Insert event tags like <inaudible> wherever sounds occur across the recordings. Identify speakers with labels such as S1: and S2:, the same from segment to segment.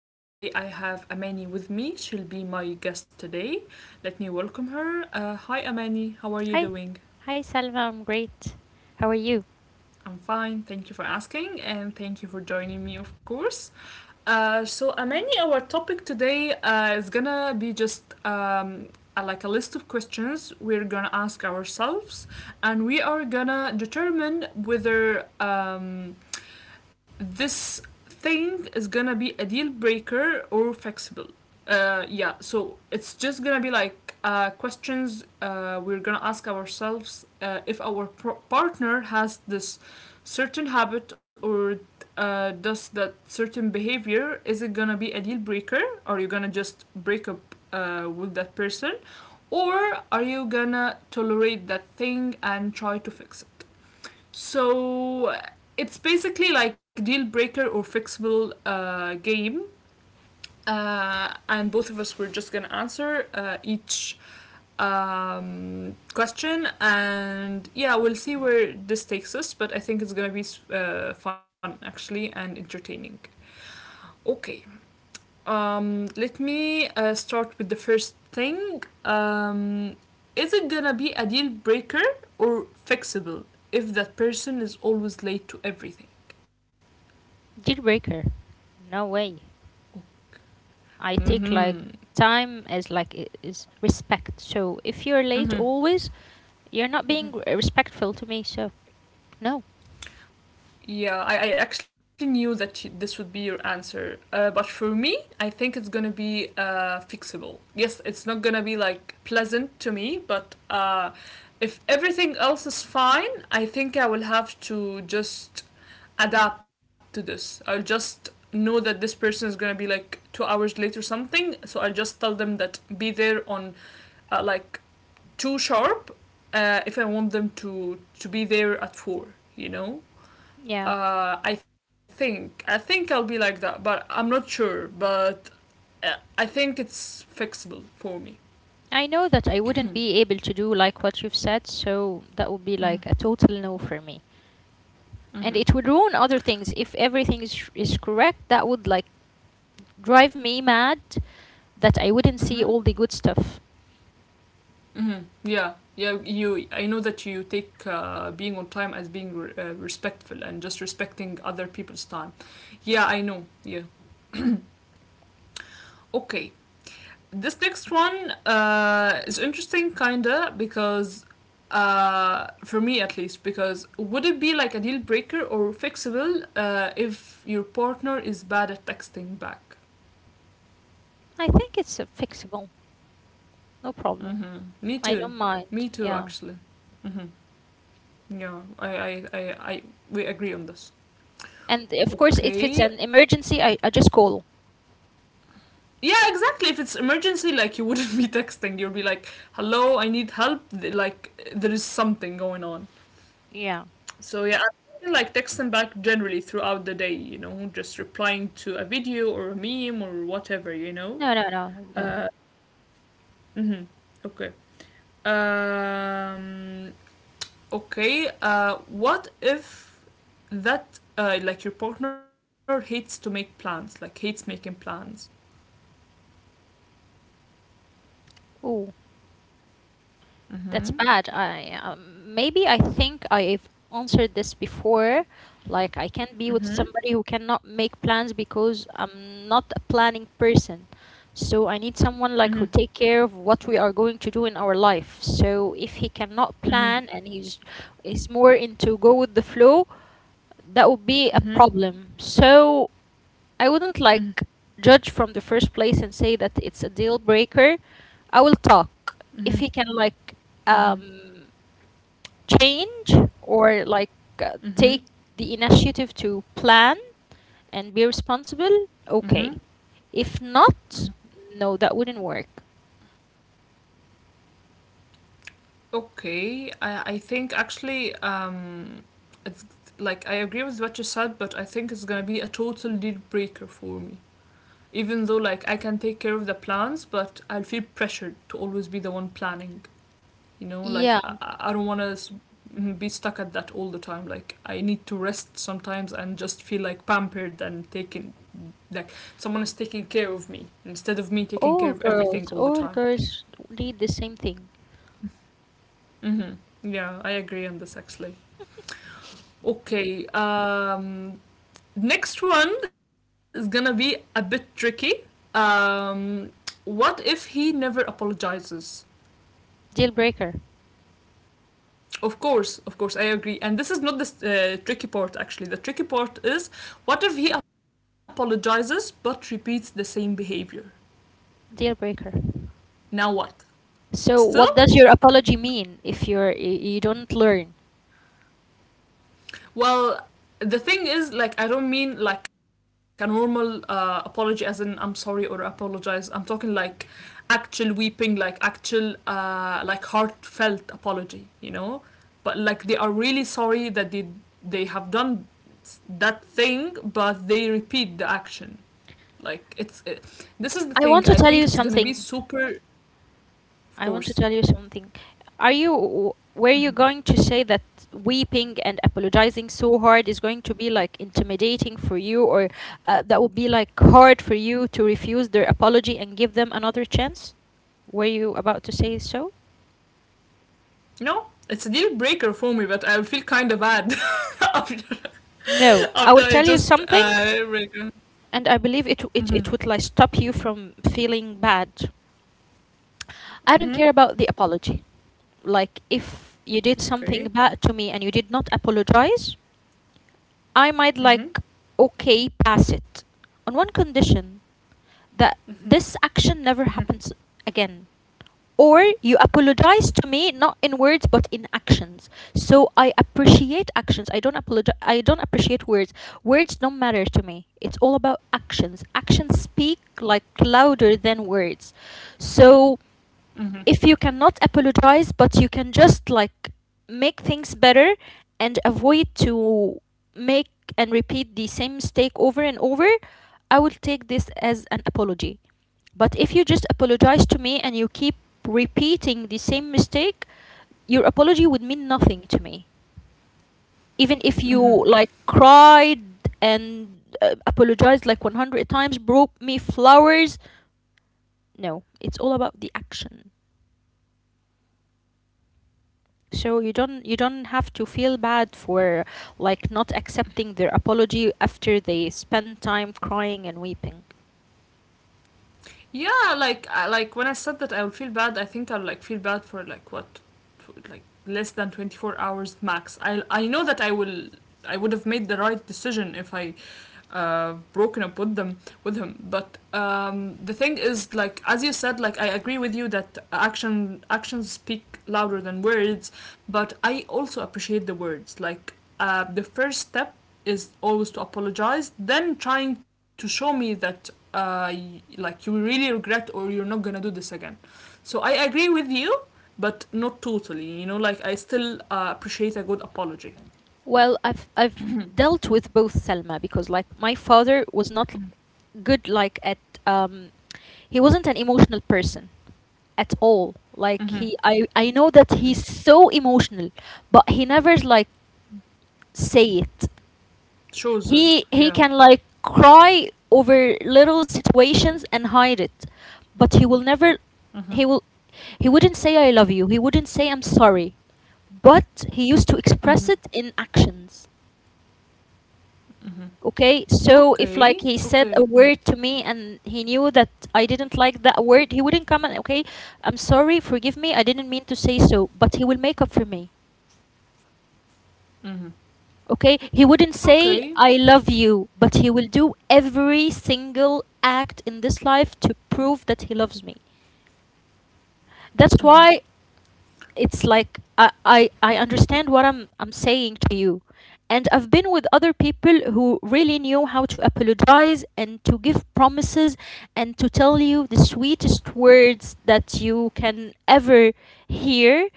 S1: and today I have Amani with me. She'll be my guest today. Let me welcome her. Hi, Amani. How are you
S2: Hi,
S1: doing?
S2: hi Salma, I'm great. How are you?
S1: I'm fine. Thank you for asking, and thank you for joining me, of course. So, Amani, our topic today is gonna be just like a list of questions we're gonna ask ourselves, and we are gonna determine whether this thing is gonna be a deal breaker or flexible. Yeah, so it's just gonna be like questions we're gonna ask ourselves if our partner has this certain habit or does that certain behavior. Is it gonna be a deal breaker? Are you gonna just break up with that person? Or are you gonna tolerate that thing and try to fix it? So it's basically like deal breaker or fixable game, and both of us were just gonna answer each question, and yeah, we'll see where this takes us. But I think it's gonna be fun actually and entertaining. Okay, let me start with the first thing. Is it gonna be a deal breaker or fixable if that person is always late to everything?
S2: Deal breaker. No way. I take like
S1: Mm-hmm.
S2: time as like is respect. So if you're late
S1: Mm-hmm.
S2: always, you're not being respectful to me. So no.
S1: Yeah, I actually knew that you, this would be your answer. But for me, I think it's gonna be fixable. Yes, it's not gonna be like pleasant to me, but if everything else is fine, I think I will have to just adapt to this. I'll just know that this person is gonna be like 2 hours late or something, so I'll just tell them that be there on like too sharp if I want them to be there at four. You know,
S2: Yeah.
S1: I think I'll be like that, but I'm not sure. But I think it's fixable for me.
S2: I know that I wouldn't be able to do like what you've said, so that would be like a
S1: Mm-hmm.
S2: total no for me. And it would
S1: Mm-hmm.
S2: ruin other things if everything is correct. That would like drive me mad that I wouldn't see
S1: Mm-hmm.
S2: all the good stuff.
S1: Mm-hmm. Yeah, yeah. You, I know that you take being on time as being respectful and just respecting other people's time. Yeah, I know. Yeah. Okay. This next one is interesting, kinda, because for me at least, because would it be like a deal breaker or fixable if your partner is bad at texting back?
S2: I think it's fixable. No problem.
S1: Mm-hmm. Me
S2: I
S1: too.
S2: don't
S1: Me
S2: mind.
S1: too,
S2: Yeah.
S1: actually. Mm-hmm. Yeah, I, we agree on this.
S2: And of course, if it's
S1: Okay.
S2: an emergency, I just call.
S1: Yeah, exactly. If it's emergency, like you wouldn't <laughs> be texting. You'll be like, "Hello, I need help." Like there is something going on.
S2: Yeah.
S1: So yeah, I've like texting back generally throughout the day, you know, just replying to a video or a meme or whatever, you know.
S2: No, no, no, no.
S1: Uh, mhm, okay. Um, okay. What if that like your partner hates to make plans, like hates making plans?
S2: Ooh, that's
S1: Mhm.
S2: bad. I maybe I think I've answered this before. Like I can't be with
S1: Mhm.
S2: somebody who cannot make plans because I'm not a planning person. So I need someone like
S1: Mhm.
S2: who take care of what we are going to do in our life. So if he cannot
S1: Mhm.
S2: plan and he's is more into go with the flow, that would be a
S1: Mhm.
S2: problem. So I
S1: Mhm.
S2: wouldn't like judge from the first place and say that it's a deal breaker. I will talk if
S1: Mhm.
S2: he can like um change or like take
S1: Mhm.
S2: the initiative to plan and be responsible.
S1: Mhm.
S2: Okay. If
S1: Mhm.
S2: not, no, that wouldn't work.
S1: Okay, I think actually it's like I agree with what you said, but I think it's gonna be a total deal breaker for me. Even though like I can take care of the plans, but I'll feel pressured to always be the one planning. You know, like
S2: Yeah,
S1: I don't wanna be stuck at that all the time. Like I need to rest sometimes and just feel like pampered and taken, like someone is taking care of me instead of me taking care of everything all the
S2: all
S1: time.
S2: girls need the same thing.
S1: Mm-hmm. Yeah, I agree on this actually. Okay. Next one is gonna be a bit tricky. Um, what if he never apologizes?
S2: Deal breaker.
S1: Of course, I agree. And this is not the tricky part, actually. The tricky part is what if he apologizes but repeats the same behavior?
S2: Deal breaker.
S1: Now what?
S2: So
S1: Still,
S2: what does your apology mean if you don't learn?
S1: well, the thing is, like, I don't mean like a normal apology, as in I'm sorry or apologize. I'm talking like actual weeping, like actual, like heartfelt apology, you know? But like they are really sorry that they have done that thing, but they repeat the action. Like it's it, this is the
S2: I
S1: thing.
S2: want to
S1: I
S2: tell
S1: think
S2: you
S1: it's gonna be
S2: something.
S1: super. Of
S2: I want to
S1: course,
S2: tell you something. Are you were
S1: mm-hmm.
S2: you going to say that weeping and apologizing so hard is going to be like intimidating for you, or that would be like hard for you to refuse their apology and give them another chance? Were you about to say so?
S1: No, it's a deal breaker for me, but I will feel kind of bad <laughs> after
S2: No, I
S1: after
S2: will
S1: I
S2: tell you
S1: just
S2: something,
S1: reg-
S2: and I believe it would like stop you from feeling bad. I don't care about the apology. Like if you did something
S1: Okay.
S2: bad to me and you did not apologize, I might
S1: Mhm.
S2: like okay pass it on one condition that this action never happens again. Or you apologize to me not in words but in actions. So I appreciate actions. I don't appreciate words. Words don't matter to me. It's all about actions. Actions speak like louder than words. So
S1: Mhm.
S2: if you cannot apologize but you can just like make things better and avoid to make and repeat the same mistake over and over. I will take this as an apology, but if you just apologize to me and you keep repeating the same mistake, your apology would mean nothing to me, even if you like cried and apologized like 100 times, brought me flowers. No, it's all about the action. So you don't have to feel bad for like not accepting their apology after they spend time crying and weeping.
S1: Yeah, like I, like when I said that I would feel bad, I think I'll like feel bad for like what, like less than 24 hours max. I know that I will I would have made the right decision if I broken up with them with him. But the thing is, like as you said, like I agree with you that actions speak louder than words. But I also appreciate the words. Like the first step is always to apologize, then trying to show me that like you really regret or you're not gonna do this again, so I agree with you, but not totally, you know. Like I still appreciate a good apology.
S2: Well, I've dealt with both Selma because like my father was not good like at um he wasn't an emotional person at all. Like
S1: Mm-hmm.
S2: he I know that
S1: Mm-hmm.
S2: he's so emotional, but he never like say it.
S1: Shows it,
S2: He
S1: yeah.
S2: can like cry over little situations and hide it, but he will never
S1: Mm-hmm.
S2: he will he wouldn't say I love you. He wouldn't say I'm sorry. But he used to
S1: Mm-hmm.
S2: express it in actions.
S1: Mm-hmm.
S2: Okay? So if
S1: okay
S2: like he said
S1: okay
S2: a
S1: Mm.
S2: word to me and he knew that I didn't like that word, he wouldn't come and okay, I'm sorry, forgive me. I didn't mean to say so, but he will make up for me. Okay, he wouldn't say,
S1: Okay,
S2: I love you, but he will do every single act in this life to prove that he loves me. That's why it's like I understand what I'm saying to you. And I've been with other people who really knew how to apologize and to give promises and to tell you the sweetest words that you can ever hear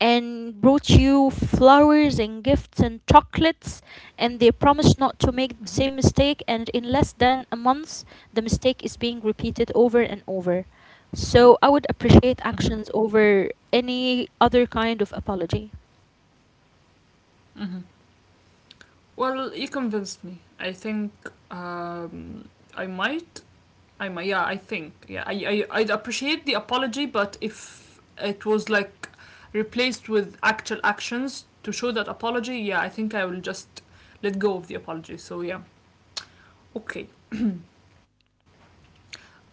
S2: and brought you flowers and gifts and chocolates, and they promised not to make the same mistake, and in less than a month the mistake is being repeated over and over. So I would appreciate actions over any other kind of apology.
S1: well, you convinced me. I think um, I might I am yeah, I think, yeah, I'd appreciate the apology, but if it was like replaced with actual actions to show that apology, yeah, I think I will just let go of the apology. So yeah, okay.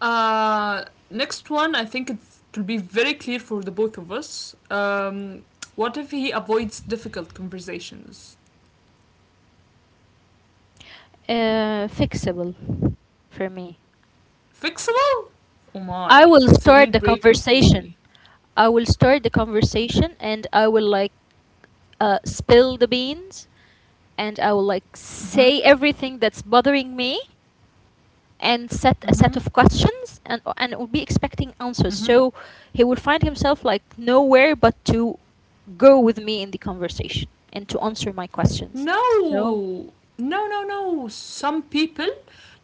S1: Uh, Next one, I think it will be very clear for the both of us. What if he avoids difficult conversations?
S2: Fixable for me.
S1: Fixable? Oh
S2: I
S1: my,
S2: will
S1: it's a
S2: start
S1: deal
S2: the
S1: breaker for
S2: conversation.
S1: me.
S2: I will start the conversation and I will like spill the beans, and I will like
S1: Mm-hmm.
S2: say everything that's bothering me and set a set
S1: Mm-hmm.
S2: of questions, and will be expecting answers.
S1: Mm-hmm.
S2: So he will find himself like nowhere but to go with me in the conversation and to answer my questions.
S1: No,
S2: So
S1: no, no, no. Some people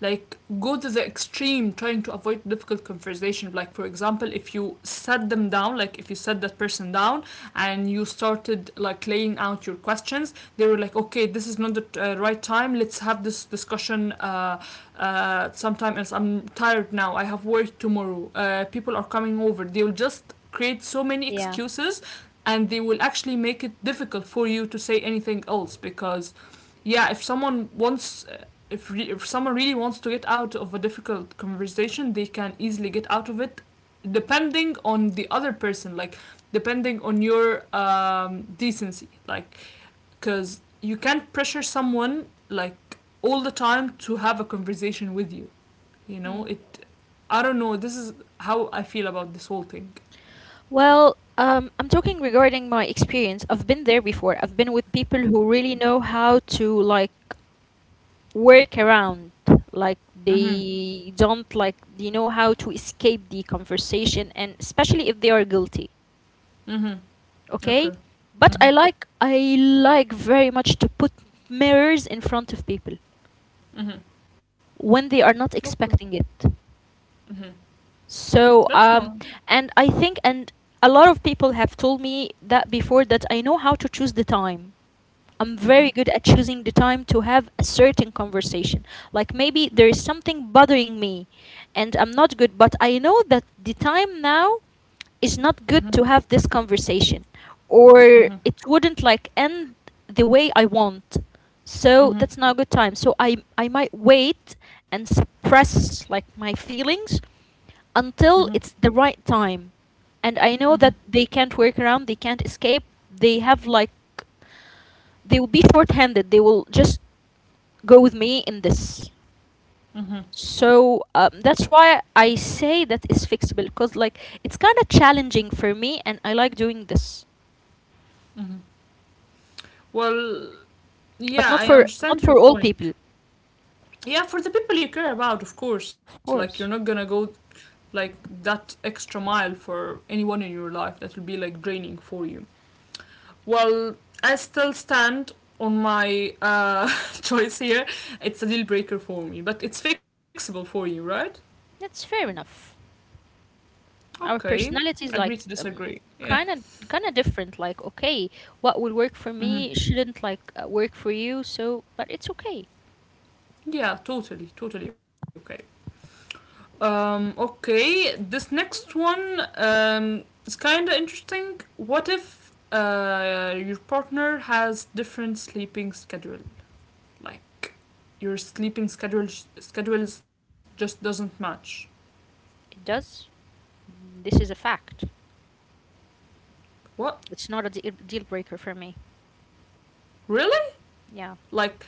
S1: like go to the extreme trying to avoid difficult conversation. Like for example, if you sat them down, like if you sat that person down and you started like laying out your questions, they were like, okay, this is not the right time, let's have this discussion sometime else, I'm tired now, I have work tomorrow, people are coming over, they'll just create so many
S2: yeah.
S1: excuses, and they will actually make it difficult for you to say anything else. Because yeah, if someone wants, if someone really wants to get out of a difficult conversation, they can easily get out of it depending on the other person, like depending on your decency, like because you can't pressure someone like all the time to have a conversation with you, you know
S2: Mm.
S1: it. I don't know, this is how I feel about this whole thing.
S2: Well, I'm talking regarding my experience. I've been there before. I've been with people who really know how to like work around. Like they
S1: Mm-hmm.
S2: don't like they know how to escape the conversation, and especially if they are guilty.
S1: Mm-hmm.
S2: Okay? But
S1: Okay.
S2: I
S1: Mm-hmm.
S2: like very much to put mirrors in front of people
S1: Mhm.
S2: when they are not expecting it.
S1: Okay. Mhm.
S2: So,
S1: That's
S2: and I
S1: normal.
S2: think, and a lot of people have told me that before, that I know how to choose the time. I'm very good at
S1: Mhm.
S2: choosing the time to have a certain conversation. Like maybe there is something bothering me and I'm not good, but I know that the time now is not good to have this
S1: Mhm.
S2: conversation, or it
S1: Mhm.
S2: wouldn't like end the way I want. So that's not a good
S1: Mhm.
S2: time. So I might wait and suppress like my feelings until
S1: Mhm.
S2: it's the right time. And I know that
S1: Mhm.
S2: they can't work around, they can't escape. They have like, they will be short-handed. They will just go with me in this.
S1: Mhm.
S2: So that's why I say that it's fixable, because like it's kind of challenging for me, and I like doing this,
S1: Mhm. Well,
S2: but
S1: yeah, I
S2: not
S1: understand your
S2: for all
S1: point.
S2: people.
S1: Yeah, for the people you care about, of course. Like
S2: Of
S1: you're not gonna
S2: course,
S1: go like that extra mile for anyone in your life. That will be like draining for you. Well, I still stand on my <laughs> choice here. It's a deal breaker for me, but it's fixable for you, right?
S2: that's fair enough. Our
S1: Okay.
S2: personalities like
S1: Agree to disagree. Yeah.
S2: kind of kind of different. Like okay, what will work for me
S1: Hmm.
S2: shouldn't like work for you. So but it's okay.
S1: Yeah, totally, totally okay. Okay, this next one is kind of interesting. What if your partner has different sleeping schedule? Like, your sleeping schedules just doesn't match.
S2: It does, this is a fact.
S1: What?
S2: It's not a deal breaker for me,
S1: Really?
S2: yeah.
S1: Like,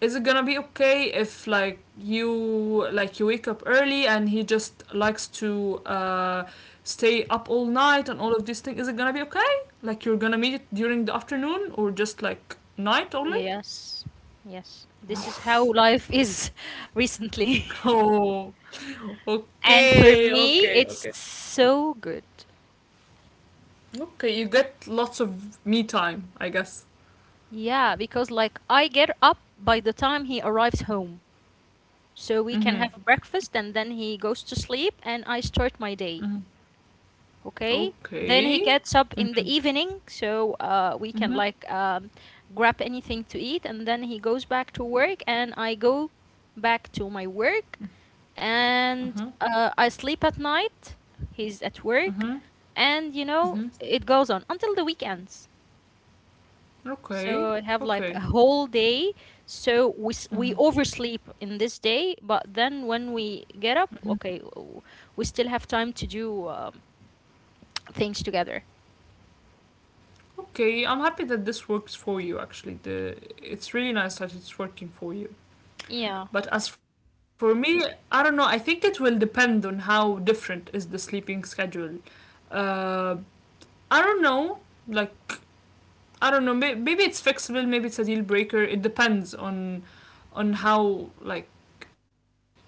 S1: is it gonna be okay if like you wake up early and he just likes to stay up all night and all of these things? Is it gonna be okay? Like you're gonna meet it during the afternoon or just like night only?
S2: Yes, yes, this is how life is <laughs> recently.
S1: <laughs> Oh,
S2: <laughs> And for
S1: okay,
S2: me
S1: okay,
S2: it's
S1: okay,
S2: so good.
S1: okay. You get lots of me time, I guess.
S2: Yeah, because like I get up by the time he arrives home, so we can
S1: Mhm.
S2: have breakfast, and then he goes to sleep and I start my day.
S1: Mhm.
S2: Okay. Then he
S1: Okay.
S2: gets up in the
S1: Mhm.
S2: evening, so we can
S1: Mhm.
S2: like grab anything to eat, and then he goes back to work, and I go back to my work, and
S1: Mhm.
S2: I sleep at night. He's at work,
S1: Mhm.
S2: and you know
S1: Mhm.
S2: it goes on until the weekends. So
S1: Okay.
S2: I have like a
S1: Okay.
S2: whole day. So we
S1: Mhm.
S2: oversleep in this day, but then when we get up, okay, we still have time to do things together.
S1: Okay, I'm happy that this works for you actually. The It's really nice that it's working for you.
S2: Yeah.
S1: But as for me, I don't know. I think it will depend on how different is the sleeping schedule. Uh, I don't know. Like I don't know. Maybe it's fixable. Maybe it's a deal breaker. It depends on how like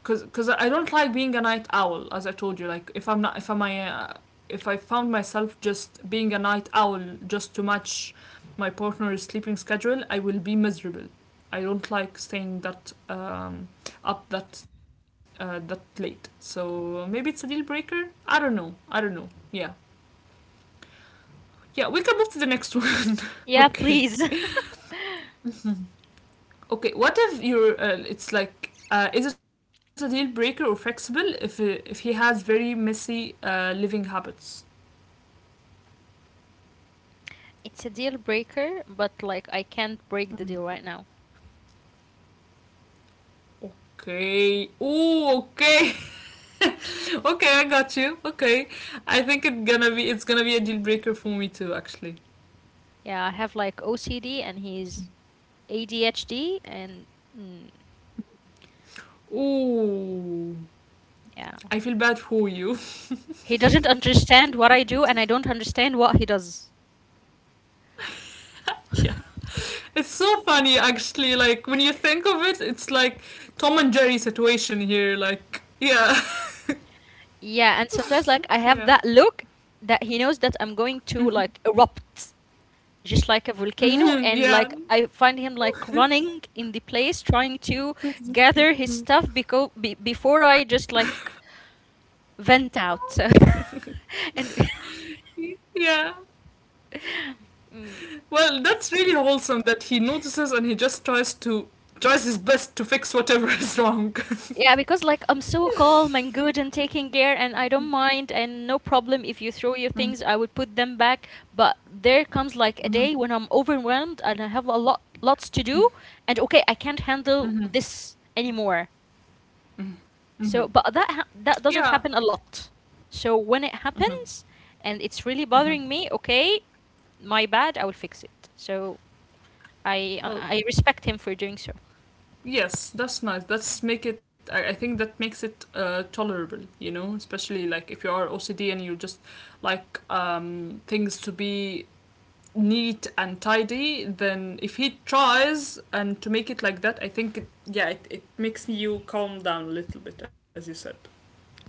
S1: because cause I don't like being a night owl. As I told you, like if I found myself just being a night owl just to match my partner's sleeping schedule, I will be miserable. I don't like staying that up that late. So maybe it's a deal breaker. I don't know. I don't know. Yeah, yeah. We can move to the next one.
S2: Yeah,
S1: <laughs>
S2: please.
S1: Okay.
S2: <laughs>
S1: Okay, what if you're? Is it a deal breaker or flexible if he has very messy living habits?
S2: It's a deal breaker, but like I can't break the deal right now.
S1: Okay. Oh, okay. <laughs> Okay, I got you. Okay, I think it's gonna be a deal breaker for me too, actually.
S2: Yeah, I have like OCD and he's ADHD and mm,
S1: Oh,
S2: yeah.
S1: I feel bad for you.
S2: He doesn't understand what I do and I don't understand what he does.
S1: <laughs> Yeah,
S2: <laughs>
S1: it's so funny actually. Like when you think of it, it's like Tom and Jerry situation here. Like, yeah,
S2: Yeah, and sometimes like I
S1: <laughs>
S2: have
S1: yeah,
S2: that look that he knows that I'm going to like erupt just like a
S1: <laughs>
S2: volcano, and
S1: yeah,
S2: like I find him like running in the place trying to
S1: <laughs>
S2: gather his stuff because be before I just like vent out. So <laughs> and <laughs>
S1: yeah.
S2: mm,
S1: Well, that's really wholesome that he notices and he just tries to tries his best to fix whatever <laughs> is wrong.
S2: yeah, because like I'm so calm and good and taking care, and I don't mind and no problem if you throw your things, I would put them back. But there comes like a day when I'm overwhelmed and I have a lot lots to do, and okay, I can't
S1: Mm-hmm.
S2: handle this anymore.
S1: Mm-hmm.
S2: So but
S1: Yeah.
S2: that doesn't happen a lot. So when it
S1: Mm-hmm.
S2: happens and it's really
S1: Mm-hmm.
S2: bothering me, okay, my bad, I will fix it. So i i
S1: Well,
S2: I respect him for doing so.
S1: yes, that's nice. That's make it. I think that makes it tolerable. You know, especially like if you are OCD and you just like things to be neat and tidy. Then if he tries and to make it like that, I think it, yeah, it makes you calm down a little bit, as you said.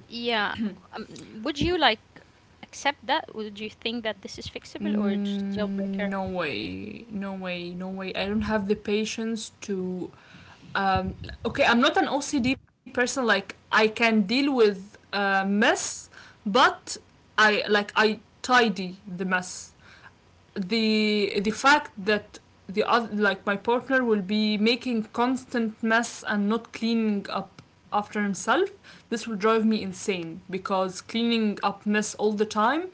S2: Yeah. Would you like accept that? Would you think that this is fixable or just deal
S1: Mm,
S2: breaker?
S1: no way, no way, no way. I don't have the patience to. Um, okay, I'm not an OCD person. Like I can deal with mess, but I tidy the mess. The fact that the other, like, my partner will be making constant mess and not cleaning up after himself, this will drive me insane, because cleaning up mess all the time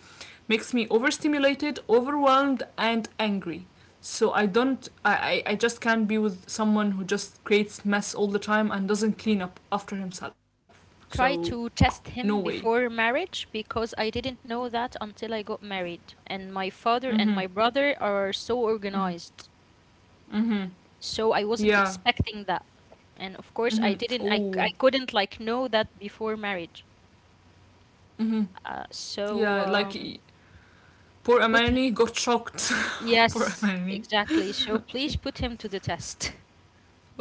S1: makes me overstimulated, overwhelmed, and angry. So I don't I just can't be with someone who just creates mess all the time and doesn't clean up after himself, so
S2: Try to
S1: no
S2: test
S1: way.
S2: him before marriage, because I didn't know that until I got married. And my father and
S1: Mm-hmm,
S2: my brother are so
S1: mm-hmm,
S2: organized.
S1: mm-hmm.
S2: So I wasn't
S1: Yeah.
S2: expecting that. And of course I
S1: Mm-hmm.
S2: didn't I
S1: Oh,
S2: couldn't like know that before marriage.
S1: mm-hmm. Yeah,
S2: So
S1: like, poor
S2: put him,
S1: Amani got shocked. <laughs> poor
S2: yes,
S1: Amani.
S2: exactly. So please put him to the test.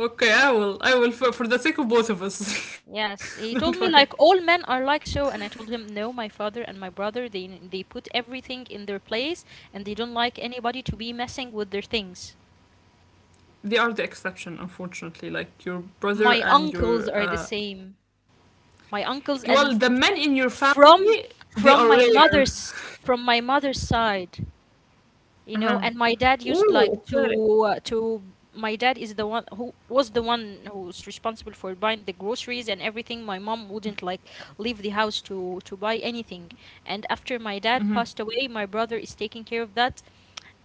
S1: Okay, I will. I will, for the sake of both of us. <laughs>
S2: Yes,
S1: Don't
S2: he
S1: worry.
S2: told me like all men are like so, and I told him no, my father and my brother they put everything in their place, and they don't like anybody to be messing with their things.
S1: They are the exception, unfortunately. Like your brother
S2: My
S1: and
S2: uncles
S1: your
S2: are the same. My
S1: well,
S2: uncles
S1: the
S2: and
S1: men in your family,
S2: from
S1: they are
S2: from my
S1: rare.
S2: mother's from my mother's side. you know
S1: Uh-huh.
S2: and my dad used
S1: Oh,
S2: like
S1: okay.
S2: to my dad is the one who's responsible for buying the groceries, and everything my mom wouldn't like leave the house to buy anything. And after my dad
S1: Mhm.
S2: passed away, my brother is taking care of that.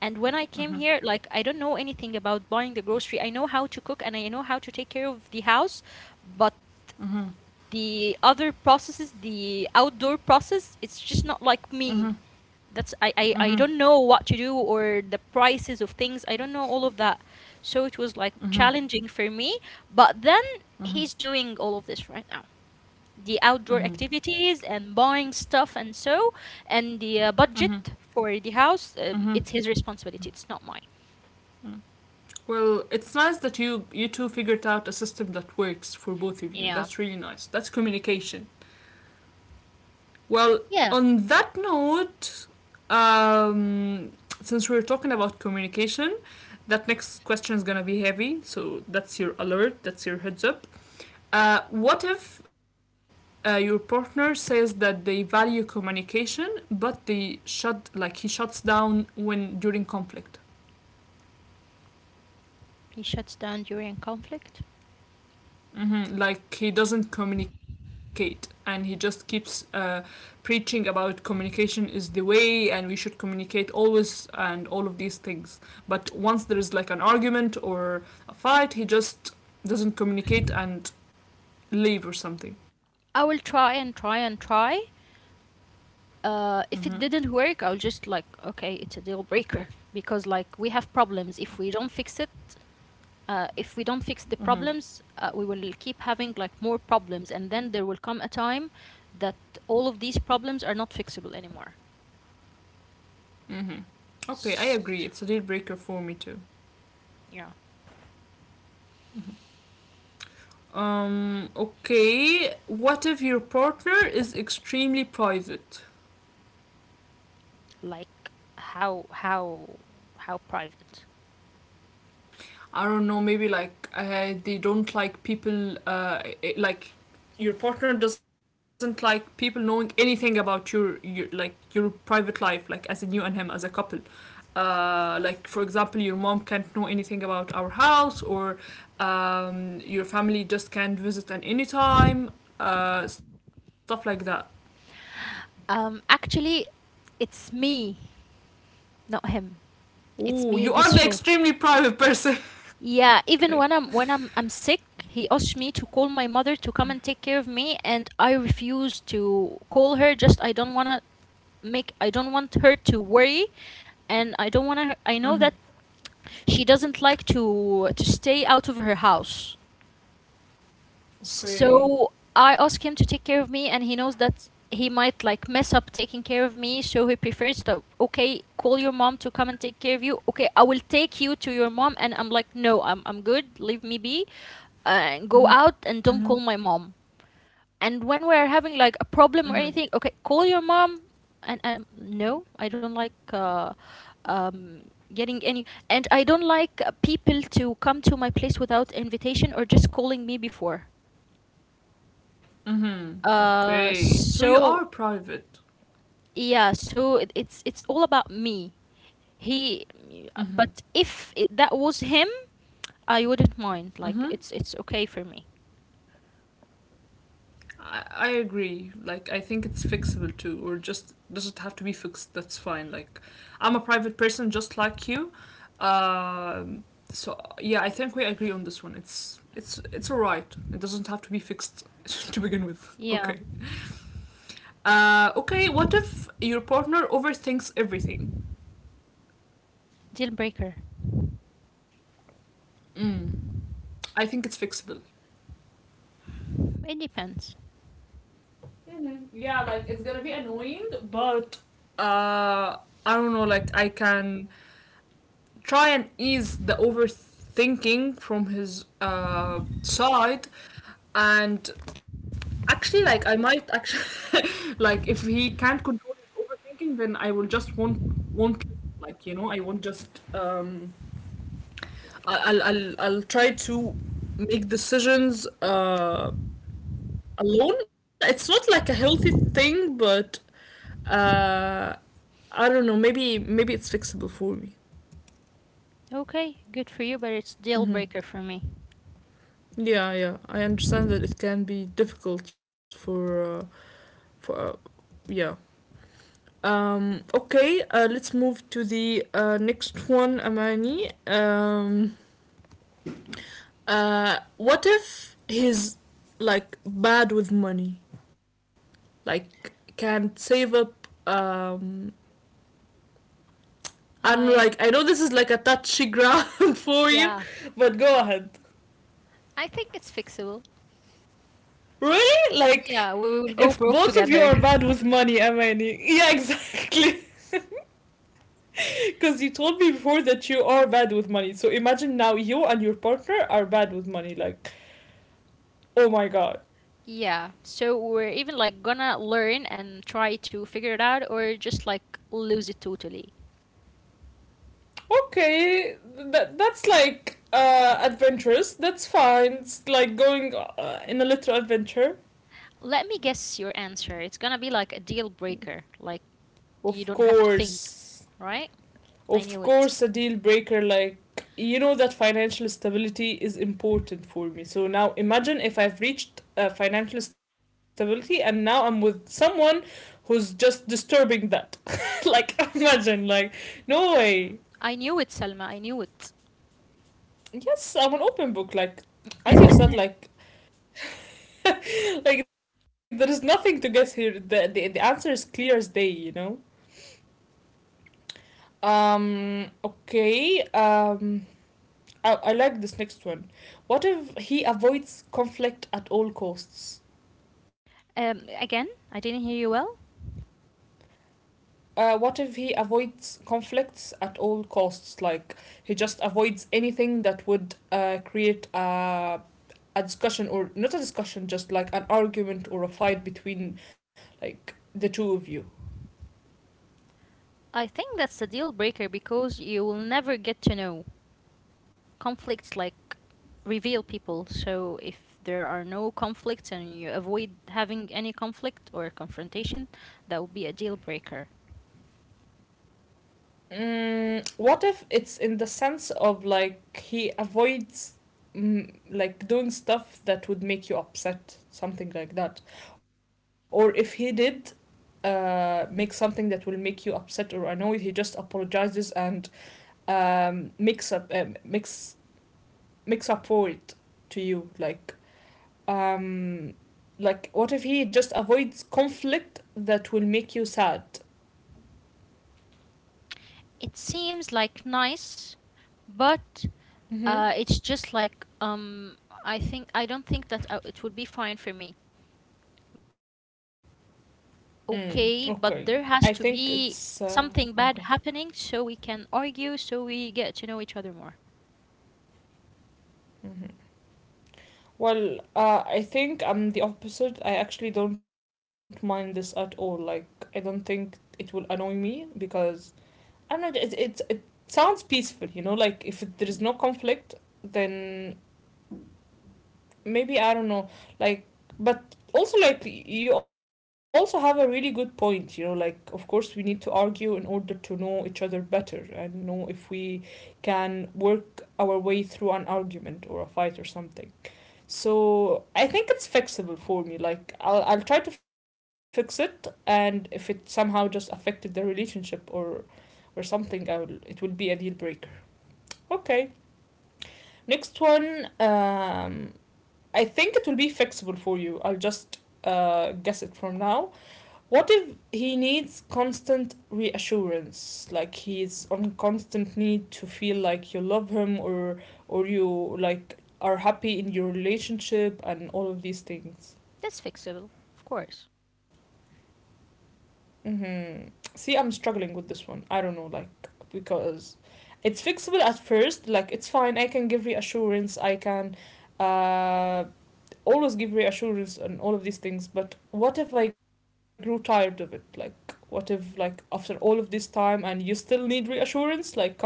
S2: And when I came
S1: Mhm.
S2: here, like, I don't know anything about buying the grocery. I know how to cook and I know how to take care of the house, but
S1: Mhm.
S2: the outdoor process, it's just not like me.
S1: Mhm.
S2: that's I, I
S1: Mhm.
S2: i
S1: Mhm.
S2: don't know what to do, or the prices of things. I don't know all of that. So it was like challenging for me, but then
S1: Mhm.
S2: he's doing all of this right now, the outdoor
S1: Mhm.
S2: activities and buying stuff and so. And the budget for the house,
S1: Mhm.
S2: it's his responsibility, it's not mine.
S1: Mhm. Well, it's nice that you two figured out a system that works for both of you.
S2: Yeah,
S1: That's really nice. That's communication. Well,
S2: yeah.
S1: on that note, um, since we're talking about communication, that next question is gonna be heavy. So that's your alert. That's your heads up. What if your partner says that they value communication, but they shut, like, he shuts down when during conflict?
S2: He shuts down during conflict.
S1: Mm-hmm. Like he doesn't communicate, and he just keeps preaching about communication is the way, and we should communicate always, and all of these things. But once there is like an argument or a fight, he just doesn't communicate and leave or something.
S2: I will try and try and try.
S1: Mm-hmm.
S2: If it didn't work, I'll just like, okay, it's a deal breaker. Because like we have problems. If we don't fix the
S1: Mm-hmm.
S2: problems, we will keep having like more problems, and then there will come a time that all of these problems are not fixable anymore.
S1: Mm-hmm. Okay, I
S2: S-
S1: agree. It's a deal breaker for me too.
S2: Yeah,
S1: Okay. What if your partner is extremely private?
S2: like, how how how private?
S1: I don't know, maybe like they don't like people, like your partner doesn't like people knowing anything about your, like, your private life, like as in you and him as a couple. Like, for example, your mom can't know anything about our house, or your family just can't visit at any time, stuff like that.
S2: Actually, it's me, not him. It's
S1: Oh,
S2: me
S1: you
S2: this
S1: are the
S2: way.
S1: extremely private person.
S2: Yeah,
S1: <laughs>
S2: even
S1: okay.
S2: when I'm sick, he asked me to call my mother to come and take care of me, and I refuse to call her. Just I don't want her to worry, and I don't want to. I know
S1: Mm-hmm.
S2: that she doesn't like to stay out of her house.
S1: Okay.
S2: So I ask him to take care of me, and he knows that he might like mess up taking care of me. So he prefers to, okay, call your mom to come and take care of you. Okay, I will take you to your mom. And I'm like, no, I'm good. Leave me be, and go out and don't
S1: Mm-hmm.
S2: call my mom. And when we're having like a problem or anything, okay, call your mom. And no, I don't like um, getting any people to come to my place without invitation, or just calling me before.
S1: Mm-hmm. Okay. So you are
S2: So,
S1: private.
S2: yeah, so it's all about me. He But if that was him, I wouldn't
S1: Mm-hmm.
S2: mind. Like, it's okay for me.
S1: I agree. Like, I think it's fixable too, or just doesn't have to be fixed. That's fine. Like, I'm a private person just like you. Um, so yeah, I think we agree on this one. It's it's alright. It doesn't have to be fixed <laughs> to begin with.
S2: Yeah.
S1: Okay. Okay. What if your partner overthinks everything?
S2: Deal breaker.
S1: Mm, I think it's fixable.
S2: It depends.
S1: Mm-hmm. Yeah, like it's gonna be annoying, but uh, I don't know. Like, I can try and ease the overthinking from his side, and actually, like, I might actually, <laughs> like, if he can't control his overthinking, then I will just won't like, you know, I won't just I'll try to make decisions alone. It's not like a healthy thing, but uh I don't know, maybe it's fixable for me.
S2: Okay, good for you, but it's deal breaker for me.
S1: Yeah, yeah. I understand that it can be difficult for for uh, yeah. Um, okay, let's move to the next one, Amani. Um, what if he's like bad with money? Like, can't save up, and,
S2: I,
S1: like, I know this is like a touchy ground <laughs> for you,
S2: yeah,
S1: but go ahead.
S2: I think it's fixable.
S1: Really?
S2: Yeah, we
S1: Like,
S2: will go
S1: if
S2: broke
S1: both of you
S2: together.
S1: are
S2: <laughs>
S1: bad with money, Amani. Yeah, exactly. <laughs> Because you told me before that you are bad with money. So imagine now you and your partner are bad with money. Like, oh my god.
S2: Yeah, so we're even like gonna learn and try to figure it out, or just like lose it totally.
S1: Okay, that that's like adventurous. That's fine. It's like going in a little adventure.
S2: Let me guess your answer. It's gonna be like a deal breaker. Like, you
S1: Of
S2: don't have to think,
S1: course.
S2: right? I
S1: Of
S2: knew it.
S1: course, a deal breaker. Like, you know that financial stability is important for me. So now imagine if I've reached financial stability and now I'm with someone who's just disturbing that. <laughs> like, imagine, like, no way.
S2: I knew it, Selma. I knew it.
S1: Yes, I'm an open book, like, as you said, like, <laughs> like there is nothing to guess here. The answer is clear as day, you know. Um, okay. Um, I like this next one. What if he avoids conflict at all costs?
S2: Again, I didn't hear you well.
S1: What if he avoids conflicts at all costs? Like, he just avoids anything that would create a discussion, or not a discussion, just like an argument or a fight between like the two of you.
S2: I think that's a deal breaker, because you will never get to know. Conflicts like reveal people. So if there are no conflicts and you avoid having any conflict or confrontation, that would be a deal breaker.
S1: Mm, what if it's in the sense of like he avoids mm, like doing stuff that would make you upset, something like that, or if he did make something that will make you upset or annoyed, he just apologizes and makes up makes up for it to you, like, um like, what if he just avoids conflict that will make you sad?
S2: It seems like nice, but
S1: Mm-hmm.
S2: it's just like, I don't think that it would be fine for me. Like,
S1: Mm,
S2: okay, but there
S1: okay.
S2: has to
S1: I think
S2: be
S1: it's
S2: something bad
S1: okay.
S2: happening, so we can argue, so we get to know each other more.
S1: Hmm. Well, I think I'm the opposite. I actually don't mind this at all. Like, I don't think it will annoy me because I don't know. It sounds peaceful, you know. Like, if there is no conflict, then maybe, I don't know, like, but also, like, you also have a really good point. You know, like, of course we need to argue in order to know each other better and know if we can work our way through an argument or a fight or something. So I think it's fixable for me. Like, I'll try to fix it, and if it somehow just affected the relationship or something, I'll it will be a deal breaker. Okay, next one. I think it will be fixable for you. I'll just guess it from now. What if he needs constant reassurance? Like, he's on constant need to feel like you love him or you like are happy in your relationship and all of these things.
S2: That's fixable, of course.
S1: Mm-hmm. See, I'm struggling with this one. I don't know, like, because it's fixable at first. Like, it's fine. I can give reassurance. I can uh, always give reassurance and all of these things, but what if I grew tired of it? Like, what if, like, after all of this time and you still need reassurance, like, come on.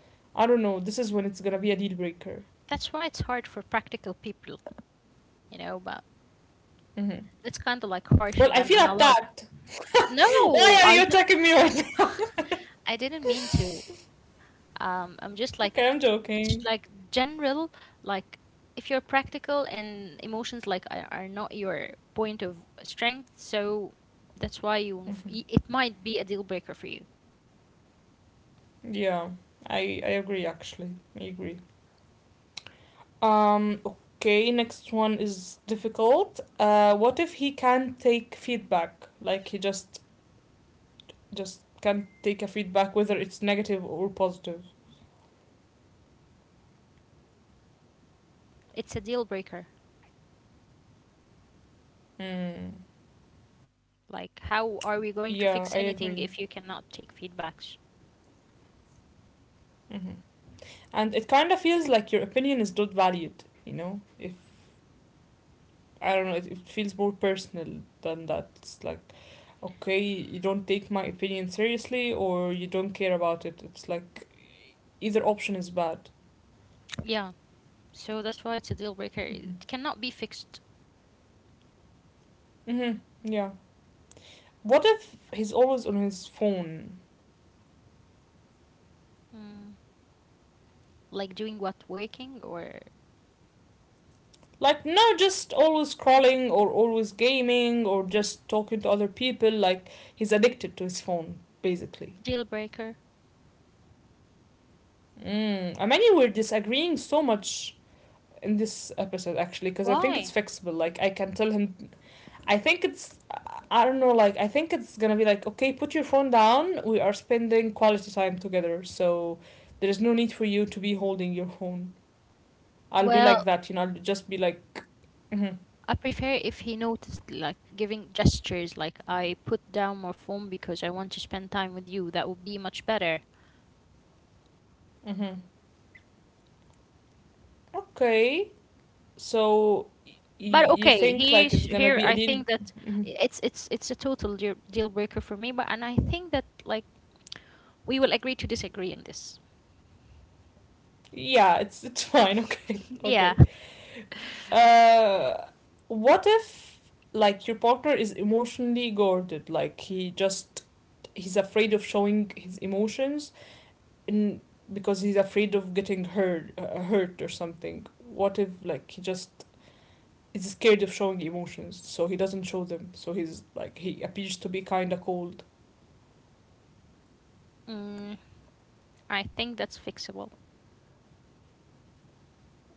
S1: I don't know, this is when it's gonna be a deal breaker.
S2: That's why it's hard for practical people, but
S1: Hmm.
S2: that's kind of like harsh
S1: Well,
S2: on
S1: I
S2: them,
S1: feel
S2: and I love.
S1: attacked. <laughs> why
S2: No,
S1: are you attacking me right now?
S2: I didn't mean to. I'm just
S1: <laughs>
S2: like
S1: okay, I'm
S2: It's
S1: joking.
S2: just like general. Like, if you're practical and emotions like are not your point of strength, so that's why you won't
S1: Mhm.
S2: it might be a deal breaker for you.
S1: Yeah, I agree, actually. I agree. Um, okay, next one is difficult. What if he can't take feedback? Like, he just can't take a feedback, whether it's negative or positive.
S2: It's a deal breaker.
S1: Mm.
S2: Like, how
S1: Yeah,
S2: are
S1: I
S2: we going to
S1: agree.
S2: fix anything if you cannot take feedbacks?
S1: Hmm. And it kind of feels like your opinion is not valued, you know? If, I don't know, it feels more personal than that. It's like, okay, you don't take my opinion seriously, or you don't care about it. It's like either option is bad.
S2: Yeah, so that's why it's a deal breaker.
S1: Hmm.
S2: It cannot be fixed.
S1: Mm-hmm. Yeah. What if he's always on his phone?
S2: Mm, like doing what, working, or
S1: Like, no, just always scrolling or always gaming or just talking to other people. Like, he's addicted to his phone, basically.
S2: deal breaker?
S1: Mm. I mean, we're disagreeing so much in this episode, actually, because I think it's
S2: Why?
S1: fixable. Like, I can tell him. I think it's. I don't know, like, I think it's gonna be like, okay, put your phone down. We are spending quality time together. So, there is no need for you to be holding your phone. I'll be like
S2: Well,
S1: that, you know, I'll just be like, mm
S2: I prefer if he noticed, like giving gestures, like, I put down my phone because I want to spend time with you. That would be much better.
S1: hmm, mm hmm. Okay. So
S2: But
S1: y you
S2: okay,
S1: think
S2: here's
S1: like it's gonna
S2: here
S1: be a
S2: I
S1: deal?
S2: think that
S1: Mhm.
S2: it's a total deal breaker for me. But and I think that, like, we will agree to disagree on this.
S1: Yeah, it's <laughs> fine. Okay,
S2: <laughs> Yeah.
S1: okay. Uh, what if, like, your partner is emotionally guarded? Like, he just he's afraid of showing his emotions, and because he's afraid of getting hurt, hurt or something. What if, like, he just is scared of showing emotions, so he doesn't show them. So he's like he appears to be kinda cold.
S2: Mm, I think that's fixable.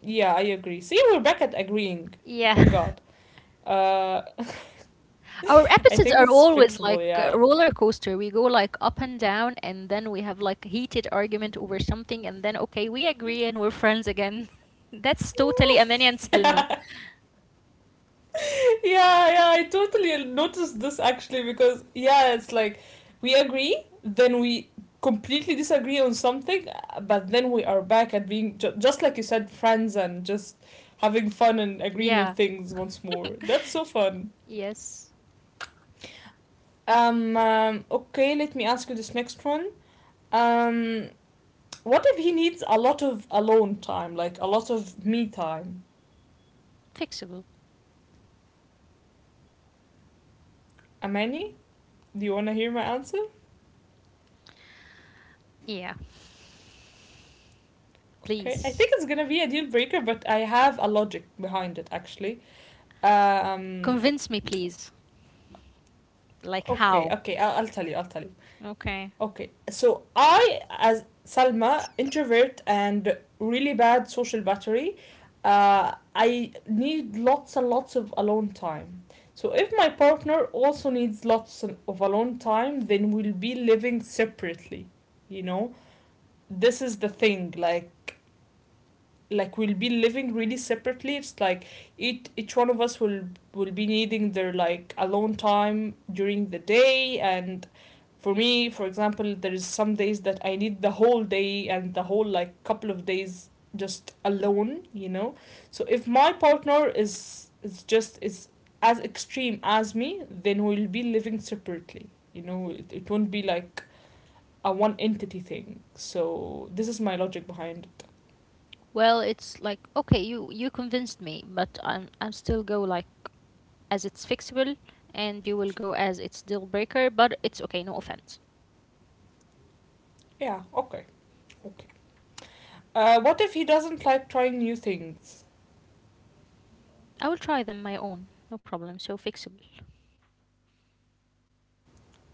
S1: Yeah, I agree. See, we're back at agreeing.
S2: Yeah.
S1: Thank God. Uh, <laughs>
S2: Our
S1: I
S2: episodes
S1: think
S2: are
S1: it's
S2: always like
S1: fixable,
S2: a
S1: yeah.
S2: roller coaster. We go like up and down, and then we have like heated argument over something, and then okay, we agree and we're friends again. <laughs> That's totally Amani and
S1: <laughs>
S2: Selma.
S1: yeah. Yeah, yeah, I totally noticed this actually, because, yeah, it's like we agree, then we completely disagree on something, but then we are back at being, just like you said, friends and just having fun and agreeing on
S2: Yeah.
S1: things once more. That's so fun.
S2: Yes.
S1: Okay, let me ask you this next one. Um, what if he needs a lot of alone time, like a lot of me time?
S2: Fixable.
S1: Amani, do you want to hear my answer?
S2: Yeah.
S1: Okay, I
S2: Please.
S1: think it's gonna be a deal breaker, but I have a logic behind it actually. Um,
S2: Convince me, please. Like,
S1: okay,
S2: how?
S1: okay, I'll tell you, I'll tell you.
S2: Okay.
S1: Okay, so I, as Salma, introvert and really bad social battery, I need lots and lots of alone time. So if my partner also needs lots of alone time, then we'll be living separately. You know, this is the thing. Like we'll be living really separately. It's like each one of us will be needing their, like, alone time during the day. And for me, for example, there is some days that I need the whole day and the whole, like, couple of days just alone, so if my partner is as extreme as me, then we'll be living separately. You know, it won't be like a one entity thing, so this is my logic behind.
S2: Well, it's like, okay, you convinced me, but I'm still go like as it's fixable, and you will go as it's deal breaker, but it's okay, no offense.
S1: Yeah, okay, okay. What if he doesn't like trying new things?
S2: I will try them my own. No problem. So fixable.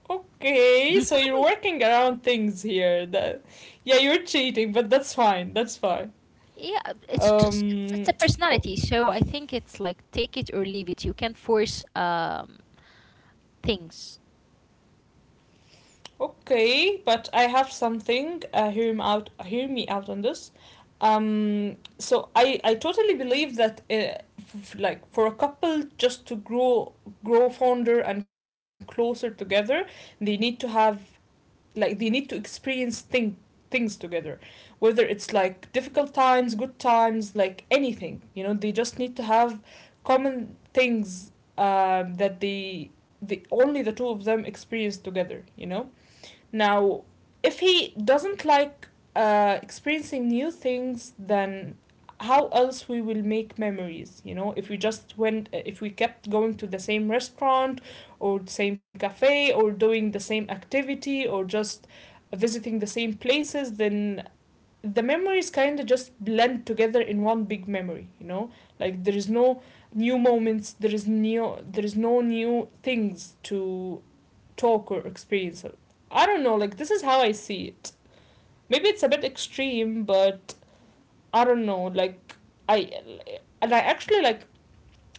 S1: Okay, so you're working around things here. That, yeah, you're cheating, but that's fine. That's fine.
S2: Yeah, it's a
S1: Um, o-
S2: personality. So I think it's like take it or leave it. You can't force things.
S1: okay, but I have something. Hear him out. Hear me out on this. So I totally believe that like for a couple just to grow fonder and closer together, they need to have, like, they need to experience things together, whether it's like difficult times, good times, like anything, you know, they just need to have common things, that they, the only the two of them, experience together, you know. Now, if he doesn't like experiencing new things, then how else we will make memories? You know, if we just went, if we kept going to the same restaurant or the same cafe or doing the same activity or just visiting the same places, then the memories kind of just blend together in one big memory. You know, like there is no new moments, there is new, there is no new things to talk or experience. I don't know, like this is how I see it. Maybe it's a bit extreme, but I don't know, like I I actually, like,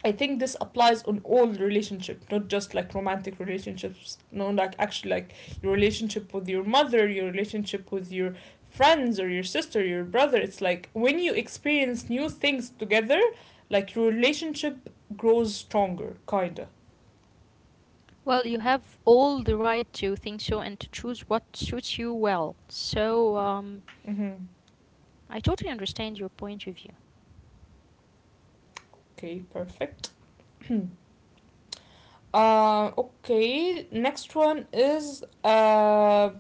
S1: I think this applies on all relationship, not just like romantic relationships. No, like actually like your relationship with your mother, your relationship with your friends or your sister, your brother. It's like when you experience new things together, like your relationship grows stronger, kinda.
S2: Well, you have all the right to think so and to choose what suits you well. So,
S1: Mm-hmm.
S2: I totally understand your point of view.
S1: Okay, perfect. Okay, next one is